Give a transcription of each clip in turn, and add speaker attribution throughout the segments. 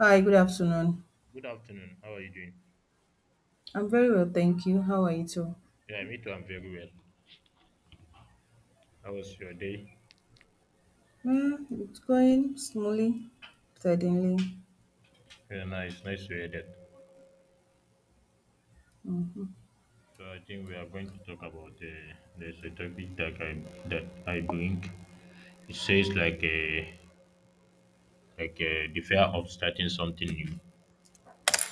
Speaker 1: Hi, good afternoon.
Speaker 2: Good afternoon. How are you doing?
Speaker 1: I'm very well, thank you. How are you too?
Speaker 2: Yeah, me too. I'm very well. How was your day?
Speaker 1: It's going smoothly, steadily.
Speaker 2: Very nice. Nice to hear that.
Speaker 1: hmm
Speaker 2: So I think we are going to talk about there's a topic that I bring. It says the fear of starting something new.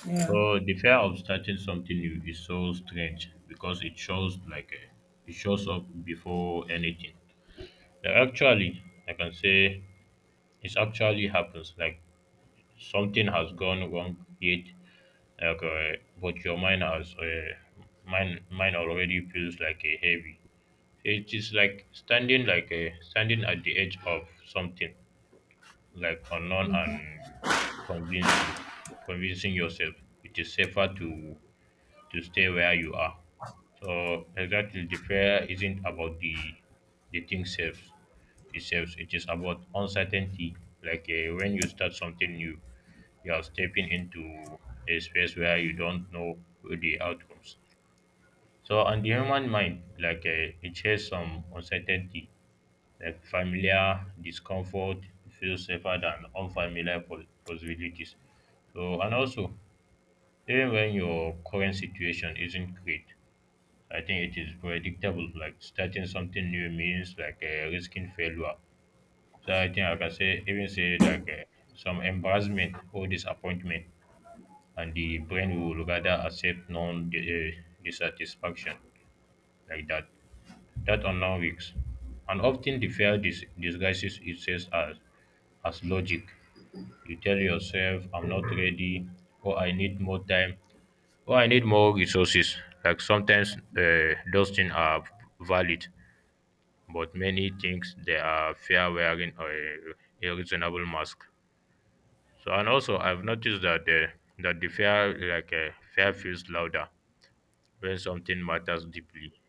Speaker 1: Yeah,
Speaker 2: So the fear of starting something new is so strange because it shows up before anything. Like actually, I can say it actually happens. Like something has gone wrong yet. Okay, but your mind has mine already feels like a heavy. It is like standing like a standing at the edge of something like unknown and convincing, convincing yourself it is safer to stay where you are. So exactly, the prayer isn't about the thing self itself. It is about uncertainty. Like when you start something new, you're stepping into a space where you don't know the outcomes. So, on the human mind, it shares some uncertainty, like familiar discomfort feels safer than unfamiliar possibilities. So, and also, even when your current situation isn't great, I think it is predictable. Like starting something new means risking failure. So I think I can say some embarrassment or disappointment, and the brain will rather accept dissatisfaction like that unknown risks. And often the fear disguises itself as logic. You tell yourself, I'm not ready, or I need more time, or I need more resources. Like sometimes those things are valid, but many things they are fear wearing a reasonable mask. So and also I've noticed that the fear feels louder when something matters deeply.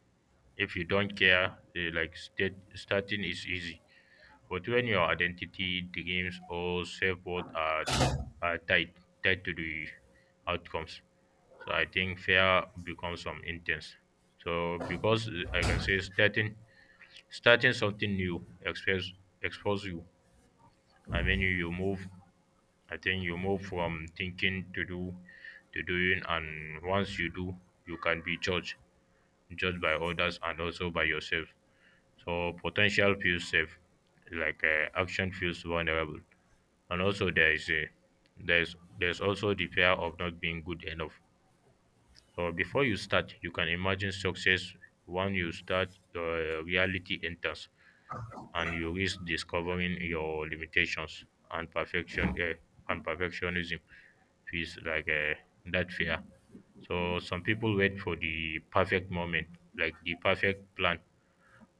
Speaker 2: If you don't care, eh, like state, starting is easy. But when your identity, dreams, or self worth are tied to the outcomes, so I think fear becomes some intense. So because eh, I can say starting something new expose you. I mean you move. I think you move from thinking to doing, and once you do, you can be judged by others and also by yourself. So potential feels safe, action feels vulnerable, and also there's also the fear of not being good enough. So before you start, you can imagine success. When you start, reality enters, and you risk discovering your limitations and perfectionism feels that fear. So some people wait for the perfect moment, like the perfect plan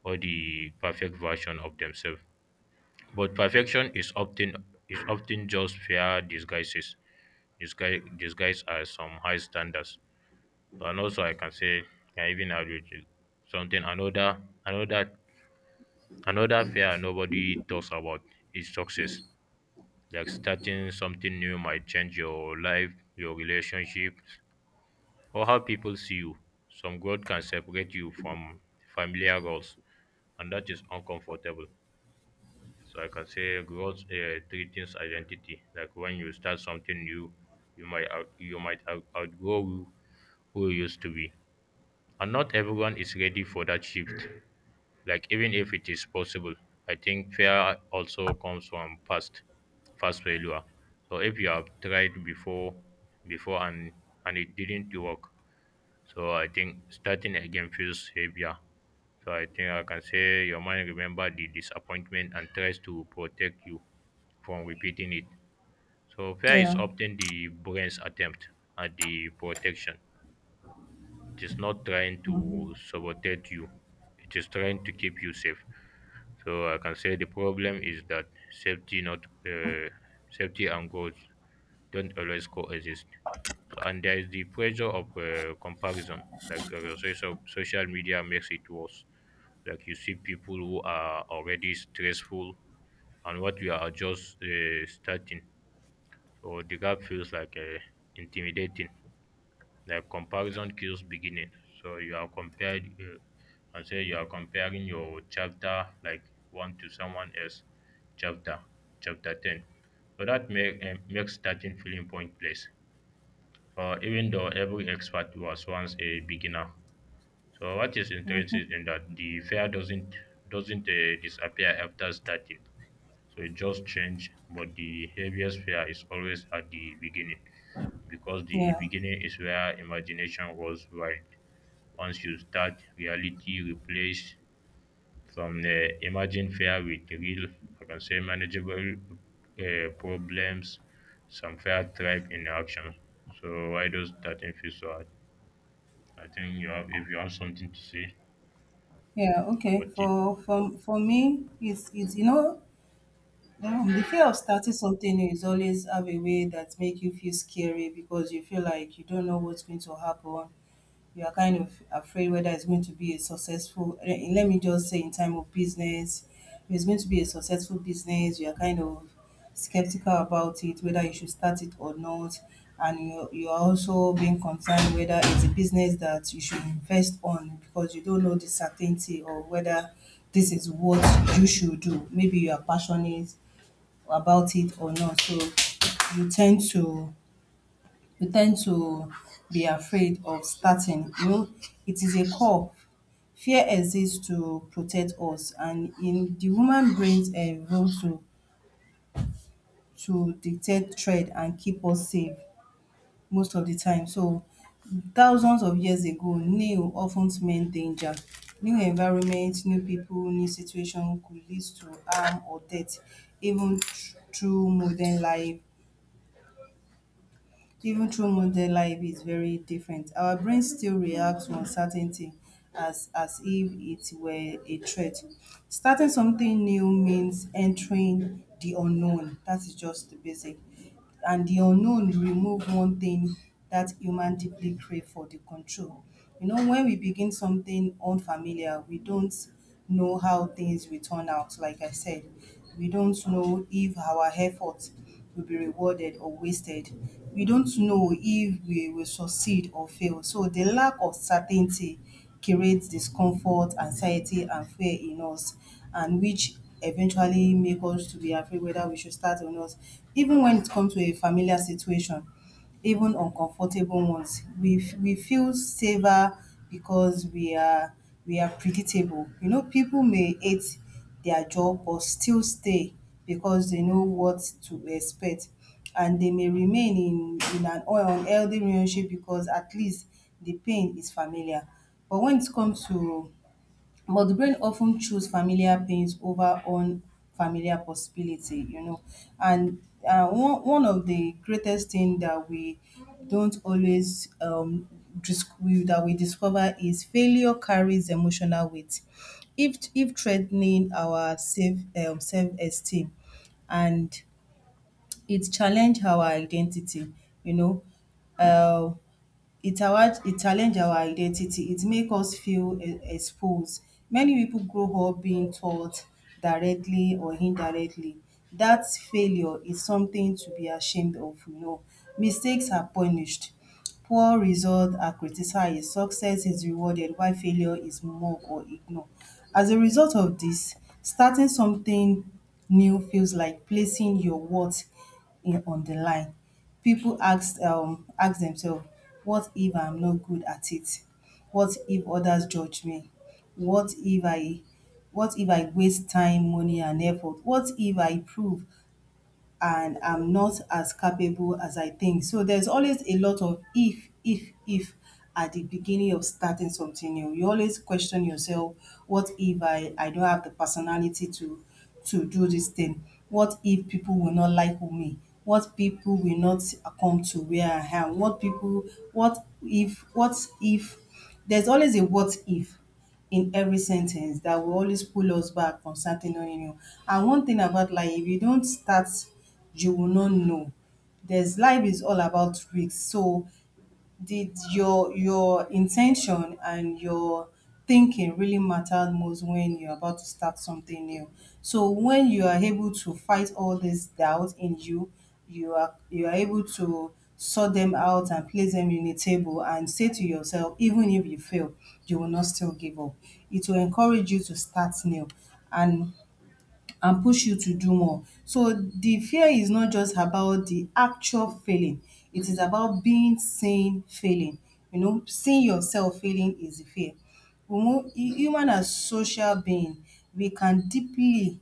Speaker 2: or the perfect version of themselves. But perfection is often just fair disguises, disguise disguised as some high standards. And also, I can say, I even argue something another another fear nobody talks about is success. Like starting something new might change your life, your relationship, or how people see you. Some growth can separate you from familiar roles, and that is uncomfortable. So I can say growth threatens identity. Like when you start something new, you might outgrow who you used to be, and not everyone is ready for that shift. Like even if it is possible, I think fear also comes from past failure. So if you have tried before and it didn't work, so I think starting again feels heavier. So I think I can say your mind remember the disappointment and tries to protect you from repeating it. So fear is
Speaker 1: yeah,
Speaker 2: often the brain's attempt at the protection. It is not trying to sabotage you. It is trying to keep you safe. So I can say the problem is that safety and growth don't always coexist. So and there is the pressure of comparison. Like so social media makes it worse. Like you see people who are already stressful, and what you are just starting. So the gap feels intimidating. Like comparison kills beginning. So you are compared. Can say you are comparing your chapter like one to someone else chapter chapter ten. So makes starting feeling pointless, even though every expert was once a beginner. So what is
Speaker 1: hmm,
Speaker 2: interesting is that the fear doesn't disappear after starting. So it just change, but the heaviest fear is always at the beginning, because the
Speaker 1: yeah,
Speaker 2: beginning is where imagination goes wild. Once you start, reality replace from the imagined fear with real, I can say manageable, problems. Some fear thrive in action. So why does that feel so hard? I think you have if you have something to say
Speaker 1: yeah. Okay.
Speaker 2: about it.
Speaker 1: For me, it's the fear of starting something new is always have a way that make you feel scary because you feel like you don't know what's going to happen. You are kind of afraid whether it's going to be a successful let me just say in time of business. If it's going to be a successful business, you are kind of skeptical about it, whether you should start it or not. And you are also being concerned whether it's a business that you should invest on, because you don't know the certainty, or whether this is what you should do. Maybe you are passionate about it or not. So you tend to, we tend to be afraid of starting. You know, it is a core fear exists to protect us, and in the human brains role to detect threat and keep us safe most of the time. So thousands of years ago, new often meant danger. New environment, new people, new situation could lead to harm or death. even thr- through modern life Even through modern life is very different, our brain still reacts to uncertainty as if it were a threat. Starting something new means entering the unknown. That is just the basic. And the unknown remove one thing that human deeply crave for, the control. You know, when we begin something unfamiliar, we don't know how things will turn out. Like I said, we don't know if our efforts will be rewarded or wasted. We don't know if we will succeed or fail. So the lack of certainty creates discomfort, anxiety, and fear in us, and which eventually make us to be afraid whether we should start or not. Even when it comes to a familiar situation, even uncomfortable ones. We feel safer because we are predictable. You know, people may hate their job but still stay because they know what to expect, and they may remain in an unhealthy relationship because at least the pain is familiar. But when it comes to But the brain often choose familiar pains over unfamiliar possibility, you know. And one of the greatest thing that we don't always that we discover is failure carries emotional weight. If threatening our self, self esteem, and it challenge our identity, you know. Uh, it awa it challenge our identity, it make us feel e expose. Many people grow up being taught directly or indirectly that failure is something to be ashamed of, you know. Mistakes are punished, poor results are criticized, success is rewarded while failure is mocked or ignored. As a result of this, starting something new feels like placing your worth in on the line. People ask, ask themselves, what if I'm not good at it? What if others judge me? what if i what if I waste time, money and effort? What if I prove and I'm not as capable as I think? So there's always a lot of if at the beginning of starting something new. You always question yourself, what if I don't have the personality to do this thing? What if people will not like me? What people will not come to where I am? What people what if There's always a what if in every sentence that will always pull us back from starting on new. And one thing about life, if you don't start, you will not know. There's life is all about risk. So did your intention and your thinking really mattered most when you're about to start something new. So when you are able to fight all this doubt in you, you are able to sort them out and place them in a table and say to yourself, even if you fail you will not still give up. It will encourage you to start new and and push you to do more. So the fear is not just about the actual failing, it is about being seen failing. You know, seeing yourself failing is the fear. Human as social being, we can deeply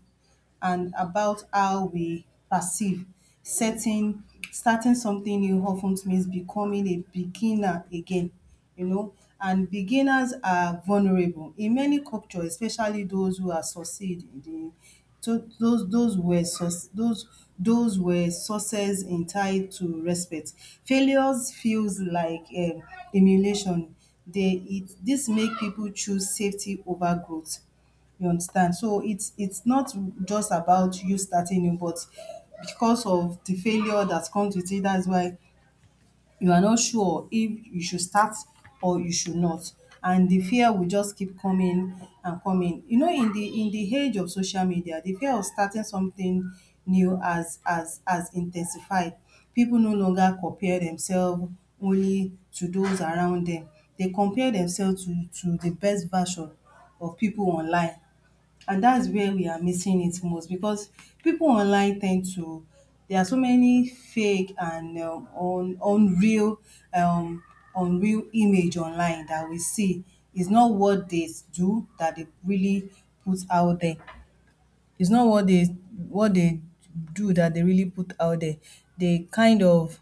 Speaker 1: and about how we perceive setting, starting something new often means becoming a beginner again, you know. And beginners are vulnerable in many cultures, especially those who are succeed in the, to those were sus- those were sources entitled to respect. Failures feels like emulation. They it this make people choose safety over growth. You understand? So it's not just about you starting new, but because of the failure that comes with it, that's why you are not sure if you should start or you should not. And the fear will just keep coming and coming. You know, in the age of social media, the fear of starting something new has intensified. People no longer compare themselves only to those around them. They compare themselves to the best version of people online. And that's where we are missing it most, because people online tend to, there are so many fake and unreal um, unreal image online that we see is not what they do that they really put out there. It's not what they what they do that they really put out there They kind of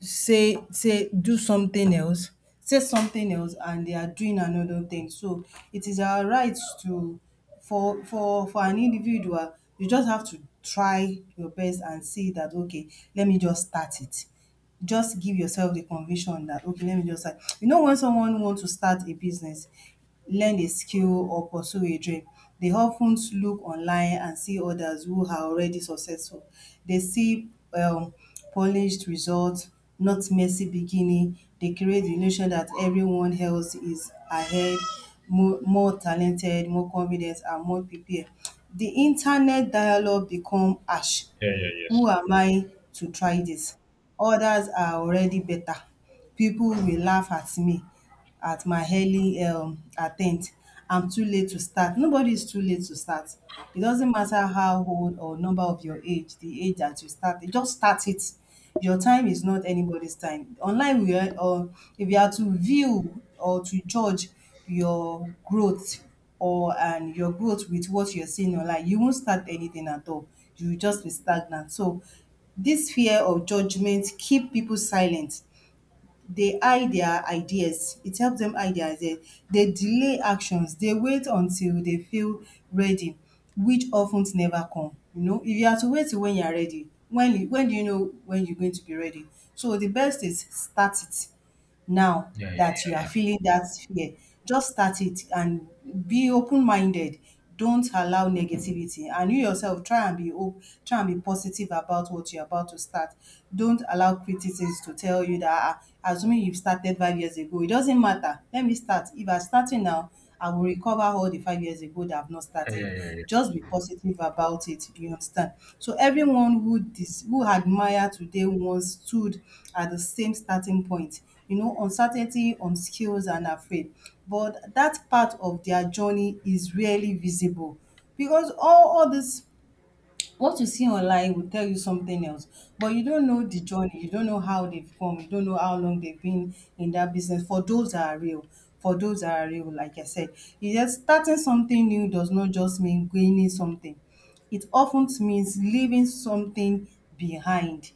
Speaker 1: say do something else, say something else and they are doing another thing. So it is our right to, for an individual, you just have to try your best and see that okay, let me just start it. Just give yourself the conviction that okay, let me just start. You know, when someone wants to start a business, learn a skill or pursue a dream, they often look online and see others who are already successful. They see polished results, not messy beginning. They create the illusion that everyone else is ahead, more talented, more confident, and more prepared. The internet dialogue become harsh.
Speaker 2: Yeah, yeah, yes.
Speaker 1: Who am I to try this? Others are already better. People will laugh at me, at my early attempt. I'm too late to start. Nobody is too late to start. It doesn't matter how old or number of your age, the age that you start, you just start it. Your time is not anybody's time. Online, we are, or if you are to view or to judge your growth or and your growth with what you're seeing online, you won't start anything at all. You will just be stagnant. So, this fear of judgment keep people silent, dey hide their ideas. It helps dem hide their ideas. They delay actions. They wait until they feel ready, which of ten never come. You know, if you are to wait till when you are ready, when do you know when you're going to be ready? So the best is start it now
Speaker 2: Yeah, yeah,
Speaker 1: that you
Speaker 2: yeah,
Speaker 1: are
Speaker 2: yeah,
Speaker 1: feeling that fear. Just start it and be open-minded. Don't allow negativity. And you yourself try and be try and be positive about what you're about to start. Don't allow criticisms to tell you that, "Ah, assuming you've started 5 years ago, it doesn't matter. Let me start. If I'm starting now, I will recover all the 5 years ago that I've not
Speaker 2: yeah,
Speaker 1: started.
Speaker 2: yeah, yeah,
Speaker 1: Just be positive about it. You understand? So everyone who who admire today once stood at the same starting point, you know, uncertainty, on skills and afraid. But that part of their journey is rarely visible, because all this what you see online will tell you something else, but you don't know the journey, you don't know how they've come, you don't know how long they've been in that business. For those that are real, like I said, you just starting something new does not just mean gaining something, it often means leaving something behind.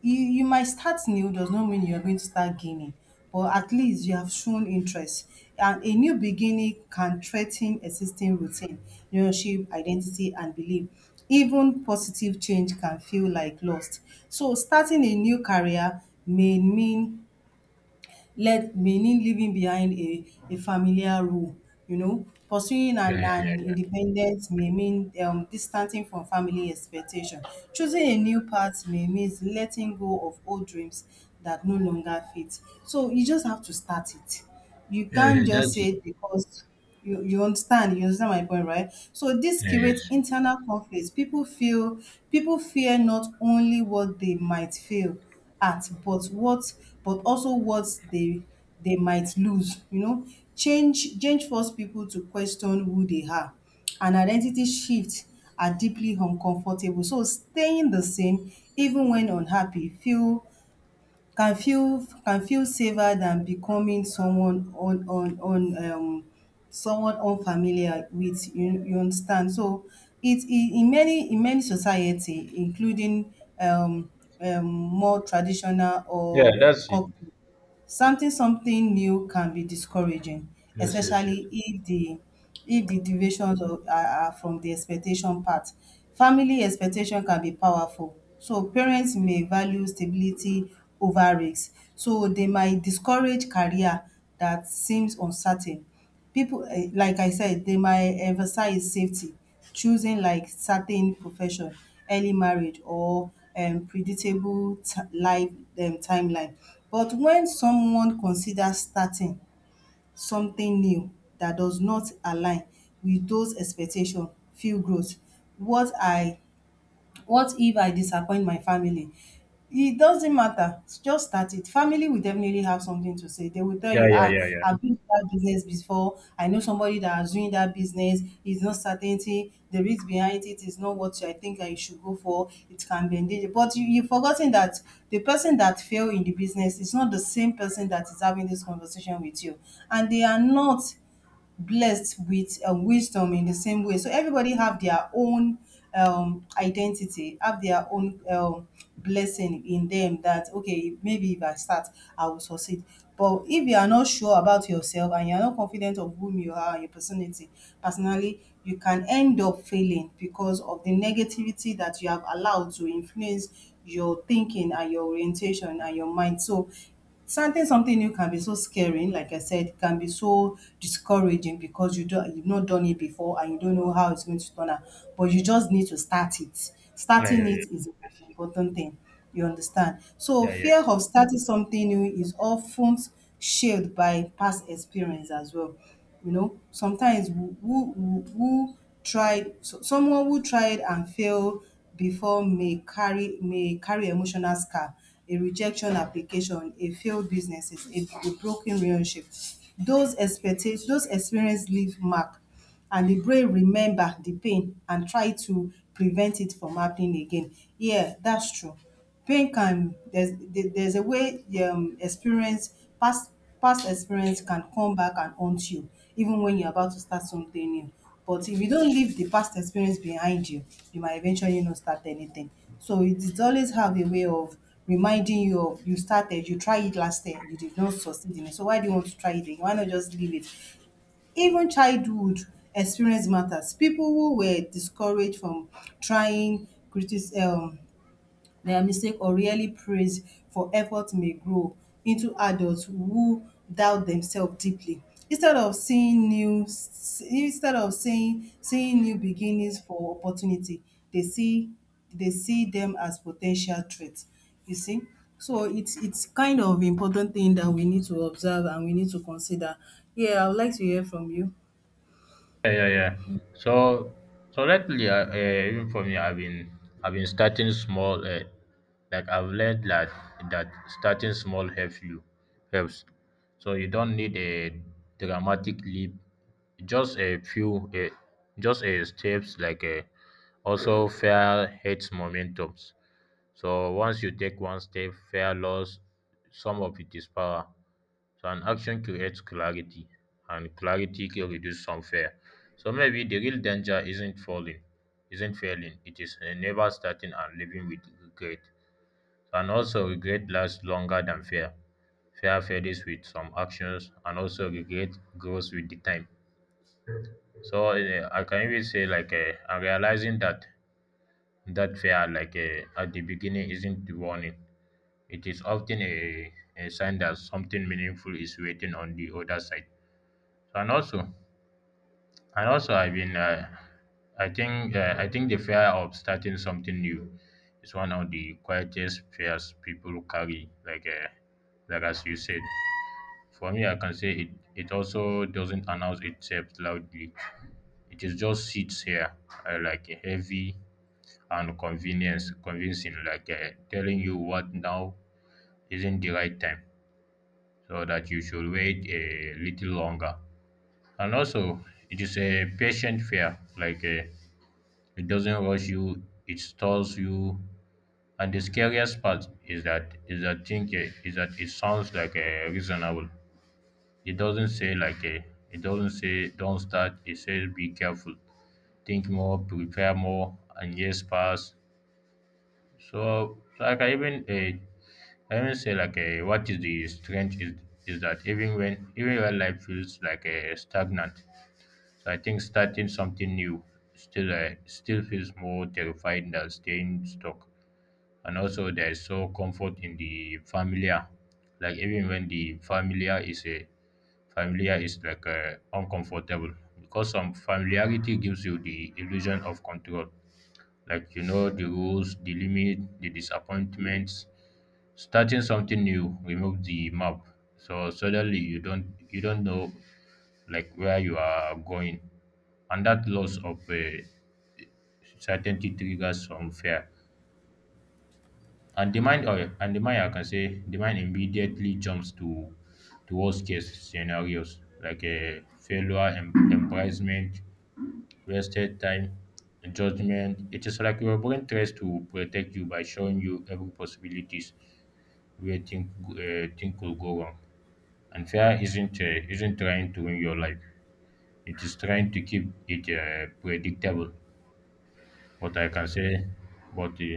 Speaker 1: You might start new does not mean you're going to start gaining, but at least you have shown interest. And a new beginning can threaten existing routine, relationship, identity, and belief. Even positive change can feel like lost. So starting a new career may mean led meaning leaving behind a familiar role. You know, pursuing
Speaker 2: yeah, yeah, yeah,
Speaker 1: an
Speaker 2: yeah.
Speaker 1: independence may mean distancing from family expectation. Choosing a new path may mean letting go of old dreams that no longer fit. So you just have to start it. You
Speaker 2: Yeah, yeah,
Speaker 1: can't
Speaker 2: yeah,
Speaker 1: just
Speaker 2: that's it.
Speaker 1: say because you understand my point, right? So this
Speaker 2: Yeah,
Speaker 1: creates
Speaker 2: yes.
Speaker 1: internal conflicts. People fear not only what they might fail at, but also what they they might lose. You know, change force people to question who they are. And identity shift are deeply uncomfortable. So staying the same, even when unhappy, feel can feel can feel safer than becoming someone on someone unfamiliar with you, you understand. So it in many society including um, more traditional
Speaker 2: Yeah,
Speaker 1: or
Speaker 2: that's it.
Speaker 1: cultural. Starting something new can be discouraging,
Speaker 2: Yes, yes, yes.
Speaker 1: especially if the deviations of are from the expectation path. Family expectation can be powerful, so parents may value stability over risk, so they might discourage career that seems uncertain. Pipu like I said, they might emphasize safety choosing like certain profession, early marriage or predictable life timeline. But when someone considers starting something new that does not align with those expectations, feel growth. What I what if I disappoint my family? It doesn't matter. Just start it. Family will definitely have something to say. They will tell
Speaker 2: Yeah,
Speaker 1: you,
Speaker 2: yeah,
Speaker 1: ah,
Speaker 2: yeah, yeah.
Speaker 1: I've been to that business before. I know somebody that has doing that business. It's not certainty. The risk behind it is not what I think I should go for. It can be endangered. But you've forgotten that the person that failed in the business is not the same person that is having this conversation with you. And they are not blessed with wisdom in the same way. So everybody have their own identity, have their own blessing in them that, okay, maybe if I start, I will succeed. But if you are not sure about yourself and you are not confident of whom you are, your personality, personally, you can end up failing because of the negativity that you have allowed to influence your thinking and your orientation and your mind. So starting something new can be so scary, like I said, it can be so discouraging because you've not done it before and you don't know how it's going to turn out. But you just need to start it.
Speaker 2: Yeah, yeah,
Speaker 1: Starting
Speaker 2: yeah.
Speaker 1: it is the
Speaker 2: Yes.
Speaker 1: most important thing. You understand? So
Speaker 2: Yeah,
Speaker 1: fear
Speaker 2: yes.
Speaker 1: of starting something new is often shaped by past experience as well. You know, sometimes who tried so someone who tried and failed before may carry emotional scar, a rejection application, a failed business, a broken relationship. Those expectations, those experiences leave mark, and the brain remember the pain and try to prevent it from happening again. Yeah, that's true. Pain can, there's a way experience past experience can come back and haunt you even when you're about to start something new. But if you don't leave the past experience behind you, you might eventually not start anything. So it always have a way of reminding you of you started, you tried it last year, you did not succeed in it. So why do you want to try it again? Why not just leave it? Even childhood experience matters. People who were discouraged from trying critis their mistake or really praise for effort may grow into adults who doubt themselves deeply. Instead of seeing new Instead of seeing new beginnings for opportunity, they see they see them as potential threats. You see? So it's kind of important thing that we need to observe and we need to consider. Yeah, I would like to hear from you.
Speaker 2: Yeah, yeah, yeah. So, so lately, even for me, I've been starting small. Like I've learned that starting small helps helps. So you don't need a dramatic leap. Just a few, just a steps. Like a also fair hates momentums. So once you take one step, fear loss some of its power. So an action creates clarity, and clarity can reduce some fear. So maybe the real danger isn't falling, isn't failing. It is, never starting and living with regret. And also regret lasts longer than fear. Fear fades with some actions, and also regret grows with the time. So I can even say I'm realizing that that fear like at the beginning isn't the warning, it is often a sign that something meaningful is waiting on the other side. So, and also, I've I think the fear of starting something new is one of the quietest fears people carry. Like as you said, for me, I can say it. It also doesn't announce itself loudly. It is just sits here, like a heavy and convincing, telling you what now isn't the right time so that you should wait a little longer. And also, it is a patient fear. Like it doesn't rush you, it stalls you. And the scariest part is that thing is that it sounds like a reasonable. It doesn't say like a it doesn't say don't start. It says be careful, think more, prepare more, and yes, pass. So, so like I even say what is the strange is that even when life feels stagnant, so I think starting something new still feels more terrifying than staying stuck. And also there is so comfort in the familiar, like even when the familiar is uncomfortable because some familiarity gives you the illusion of control, like you know the rules, the limit, the disappointments. Starting something new remove the map, so suddenly you don't know like where you are going, and that loss of certainty triggers some fear, and the mind or and the mind I can say the mind immediately jumps to worst case scenarios, like a failure, embarrassment, wasted time, and judgment. It is like your brain tries to protect you by showing you every possibilities where think thing could go wrong. And fear isn't trying to win your life. It is trying to keep it, predictable. But I can say, but uh,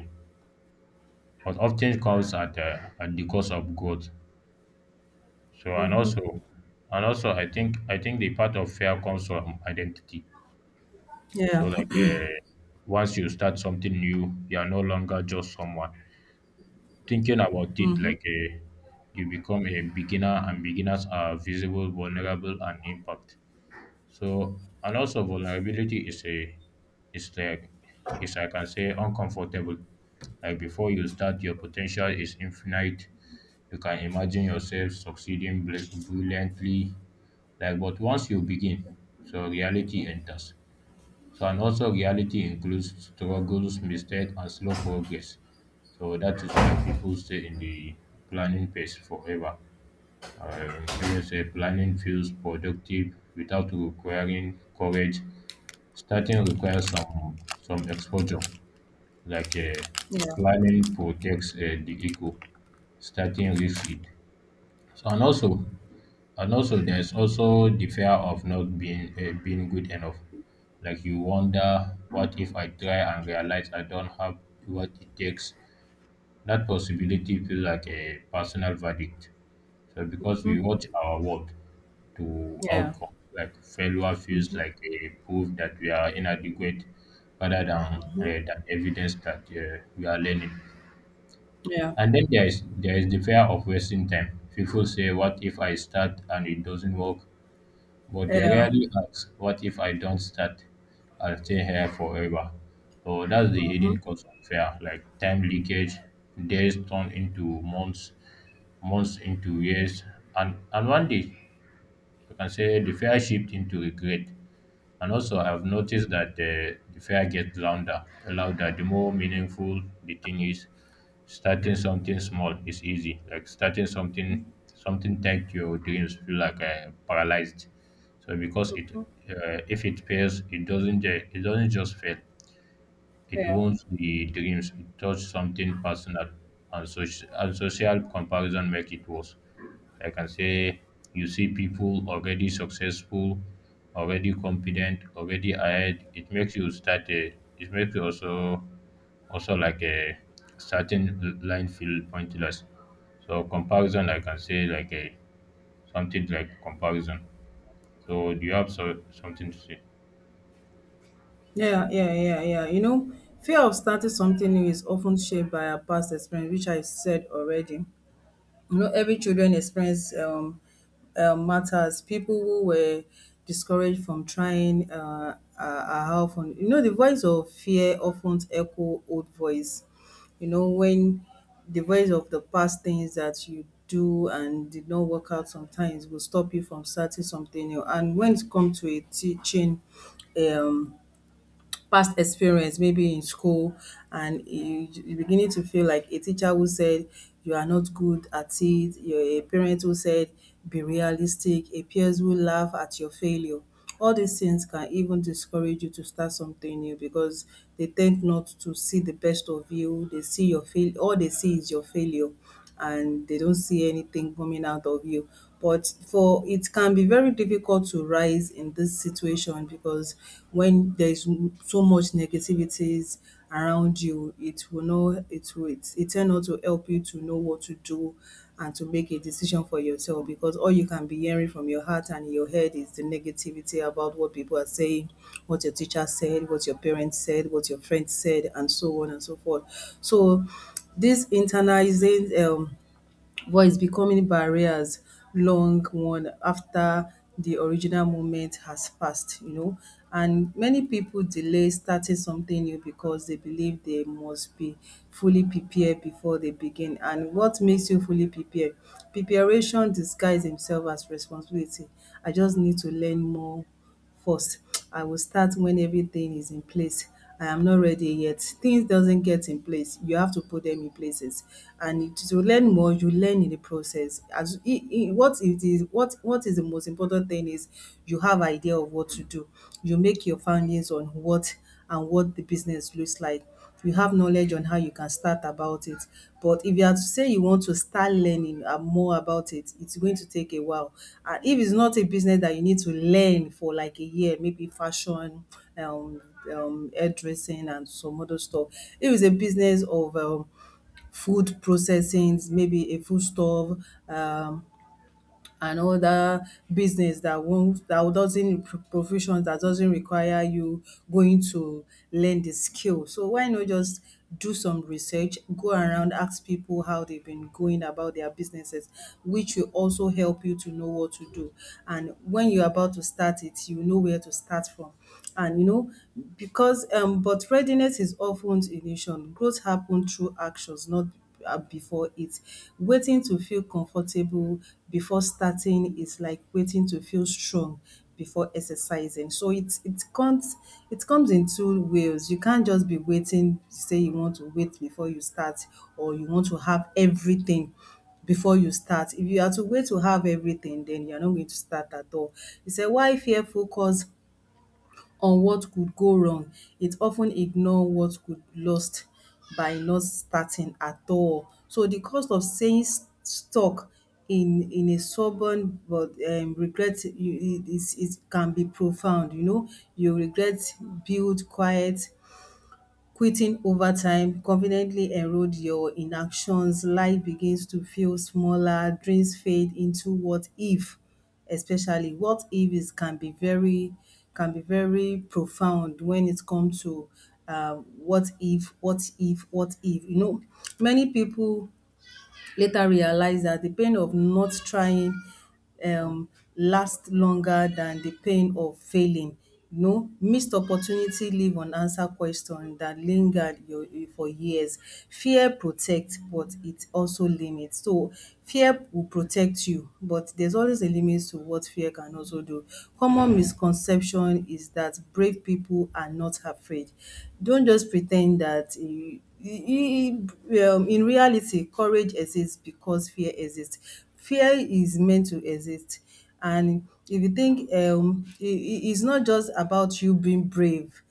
Speaker 2: but often comes at the cost of growth. So and
Speaker 1: Mhm.
Speaker 2: also, and also I think the part of fear comes from identity. So
Speaker 1: Yeah.
Speaker 2: like. Once you start something new, you are no longer just someone. Thinking about it
Speaker 1: Mhm.
Speaker 2: you become a beginner, and beginners are visible, vulnerable, and impact. So, and also vulnerability is a, is like, is I can say uncomfortable. Like before you start, your potential is infinite. You can imagine yourself succeeding brilliantly, like but once you begin, so reality enters. So and also reality includes struggles, mistakes, and slow progress. So that is why people stay in the planning phase forever. Even say planning feels productive without requiring courage. Starting requires some exposure, like,
Speaker 1: Yeah.
Speaker 2: planning protects the ego. Starting risks it. So and also, and also, there's also the fear of not being, being good enough. Like you wonder, what if I try and realize I don't have what it takes? That possibility feels like a personal verdict. So because we watch our world to
Speaker 1: Yeah.
Speaker 2: outcome, like failure feels
Speaker 1: Mhm.
Speaker 2: like a proof that we are inadequate, rather than evidence that we are learning.
Speaker 1: Yeah.
Speaker 2: And then there is the fear of wasting time. People say, "What if I start and it doesn't work?" But they
Speaker 1: Yeah.
Speaker 2: rarely ask, what if I don't start and stay here forever? So that's the hidden cost of fear, like time leakage, days turn into months, months into years, and one day you can say the fear shift into regret. And also, I've noticed that the fare gets louder, louder. The more meaningful the thing is, starting something small is easy. Like starting something, something tech your dreams feel paralyzed. So because if it fails, it doesn't, ju- it doesn't just fail. It
Speaker 1: Yeah.
Speaker 2: wounds the dreams, it touches something personal, and social comparison make it worse. I can say you see people already successful, already confident, already ahead. It makes you also also like a certain line feel pointless. So comparison, I can say like a something like comparison. So do you have so, something to say?
Speaker 1: Yeah, yeah, yeah, yeah. You know, fear of starting something new is often shaped by our past experience, which I said already. You know, every children experience matters. People who were discouraged from trying are often, you know, the voice of fear often echo old voice. You know, when the voice of the past things that you do and did not work out sometimes will stop you from starting something new. And when it comes to a teaching, um past experience, maybe in school, and you're beginning to feel like a teacher who said you are not good at it, you're a parent who said be realistic, a peers who laugh at your failure. All these things can even discourage you to start something new because they tend not to see the best of you. They see your fail All they see is your failure and they don't see anything coming out of you. But for it can be very difficult to rise in this situation because when there is so much negativities around you, it will it tend not to help you to know what to do and to make a decision for yourself because all you can be hearing from your heart and in your head is the negativity about what people are saying, what your teacher said, what your parents said, what your friends said, and so on and so forth. So these internalized voice becoming barriers long one after the original moment has passed, you know. And many people delay starting something new because they believe they must be fully prepared before they begin. And what makes you fully prepared? Preparation disguises himself as responsibility. I just need to learn more first. I will start when everything is in place. I am not ready yet. Things doesn't get in place. You have to put them in places. And to learn more, you learn in the process. What it is, what is the most important thing is you have idea of what to do. You make your findings on what and what the business looks like. You have knowledge on how you can start about it. But if you are to say you want to start learning more about it, it's going to take a while. And if it's not a business that you need to learn for like a year, maybe fashion, um, hairdressing, and some other stuff. If it's a business of food processing, maybe a food store, um, and other business that won't that doesn't, professions that doesn't require you going to learn the skill. So why not just do some research, go around, ask people how they've been going about their businesses, which will also help you to know what to do. And when you're about to start it, you know where to start from. And you know, because but readiness is often illusion. Growth happens through actions, not before it. Waiting to feel comfortable before starting is like waiting to feel strong before exercising. So it comes in two ways. You can't just be waiting, say you want to wait before you start, or you want to have everything before you start. If you are to wait to have everything, then you are not going to start at all. He said, why fear focus on what could go wrong, it of ten ignore what could lost by not starting at all. So the cost of staying stuck in a stubborn but regret you, it can be profound, you know. You regret build quiet quitting over time, confidently erode your inactions. Life begins to feel smaller, dreams fade into what if, especially what if is can be very profound when it comes to what if, what if, what if. You know, many people later realized that the pain of not trying um, lasts longer than the pain of failing. You know, missed opportunity leave unanswered question that lingered your, for years. Fear protects, but it also limits. So, fear will protect you, but there's always a limit to what fear can also do. Common misconception is that brave people are not afraid. Don't just pretend that you in reality, courage exists because fear exists. Fear is meant to exist. And if you think it's not just about you being brave,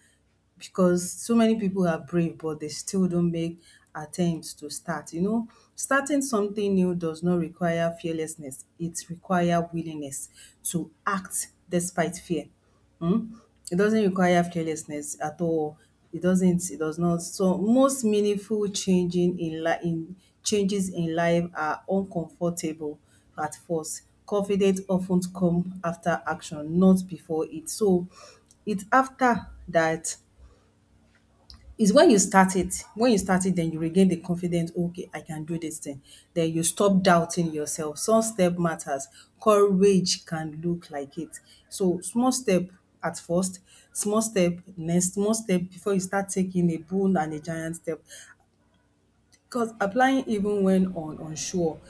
Speaker 1: because so many people are brave but they still don't make attempts to start. You know, starting something new does not require fearlessness, it requires willingness to act despite fear. Hmm? It doesn't require fearlessness at all. It doesn't. It does not. So most meaningful changing in life, in changes in life are uncomfortable at first. Confidence often come after action, not before it. So it's after that, it's when you start it, then you regain the confidence, okay, I can do this thing. Then you stop doubting yourself. Some step matters. Courage can look like it. So small step at first, small step next, small step before you start taking a bold and a giant step. Because applying even when on unsure,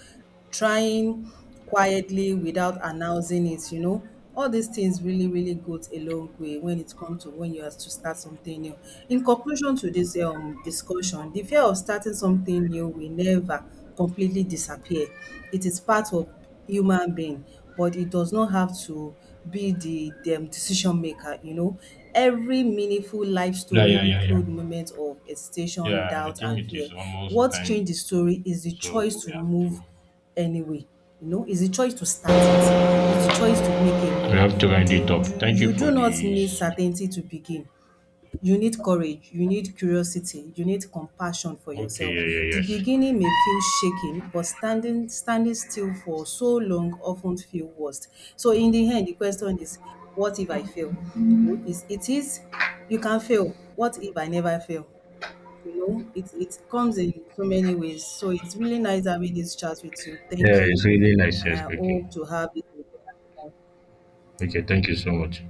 Speaker 1: trying quietly without announcing it, you know, all these things really, really goes a long way when it comes to when you have to start something new. In conclusion to this discussion, the fear of starting something new will never completely disappear. It is part of human being, but it does not have to be the dem decision maker, you know. Every meaningful life
Speaker 2: Yeah,
Speaker 1: story
Speaker 2: yeah, yeah, yeah.
Speaker 1: include moments of hesitation,
Speaker 2: Yeah, I
Speaker 1: doubt
Speaker 2: think
Speaker 1: and
Speaker 2: it
Speaker 1: fear.
Speaker 2: is almost
Speaker 1: What
Speaker 2: time.
Speaker 1: change the story is the
Speaker 2: So
Speaker 1: choice
Speaker 2: we
Speaker 1: to
Speaker 2: have
Speaker 1: move
Speaker 2: to
Speaker 1: anyway, you know, is the choice to start it, is the choice to make a move.
Speaker 2: round it up. Thank you for
Speaker 1: Do not
Speaker 2: this.
Speaker 1: need certainty to begin. You need courage, you need curiosity, you need compassion for
Speaker 2: Okay,
Speaker 1: yourself.
Speaker 2: yeah, yeah,
Speaker 1: The
Speaker 2: yes.
Speaker 1: beginning may feel shaking, but standing still for so long often feel worst. So in the end, the question is, what if I fail? Wo- Is it is You can fail. What if I never fail? You know, it comes in so many ways. So it's really nice having this chat with you. Thank
Speaker 2: Yeah, it's
Speaker 1: you,
Speaker 2: really nice.
Speaker 1: and
Speaker 2: Yes,
Speaker 1: I
Speaker 2: okay.
Speaker 1: hope to have it again.
Speaker 2: Okay, thank you so much.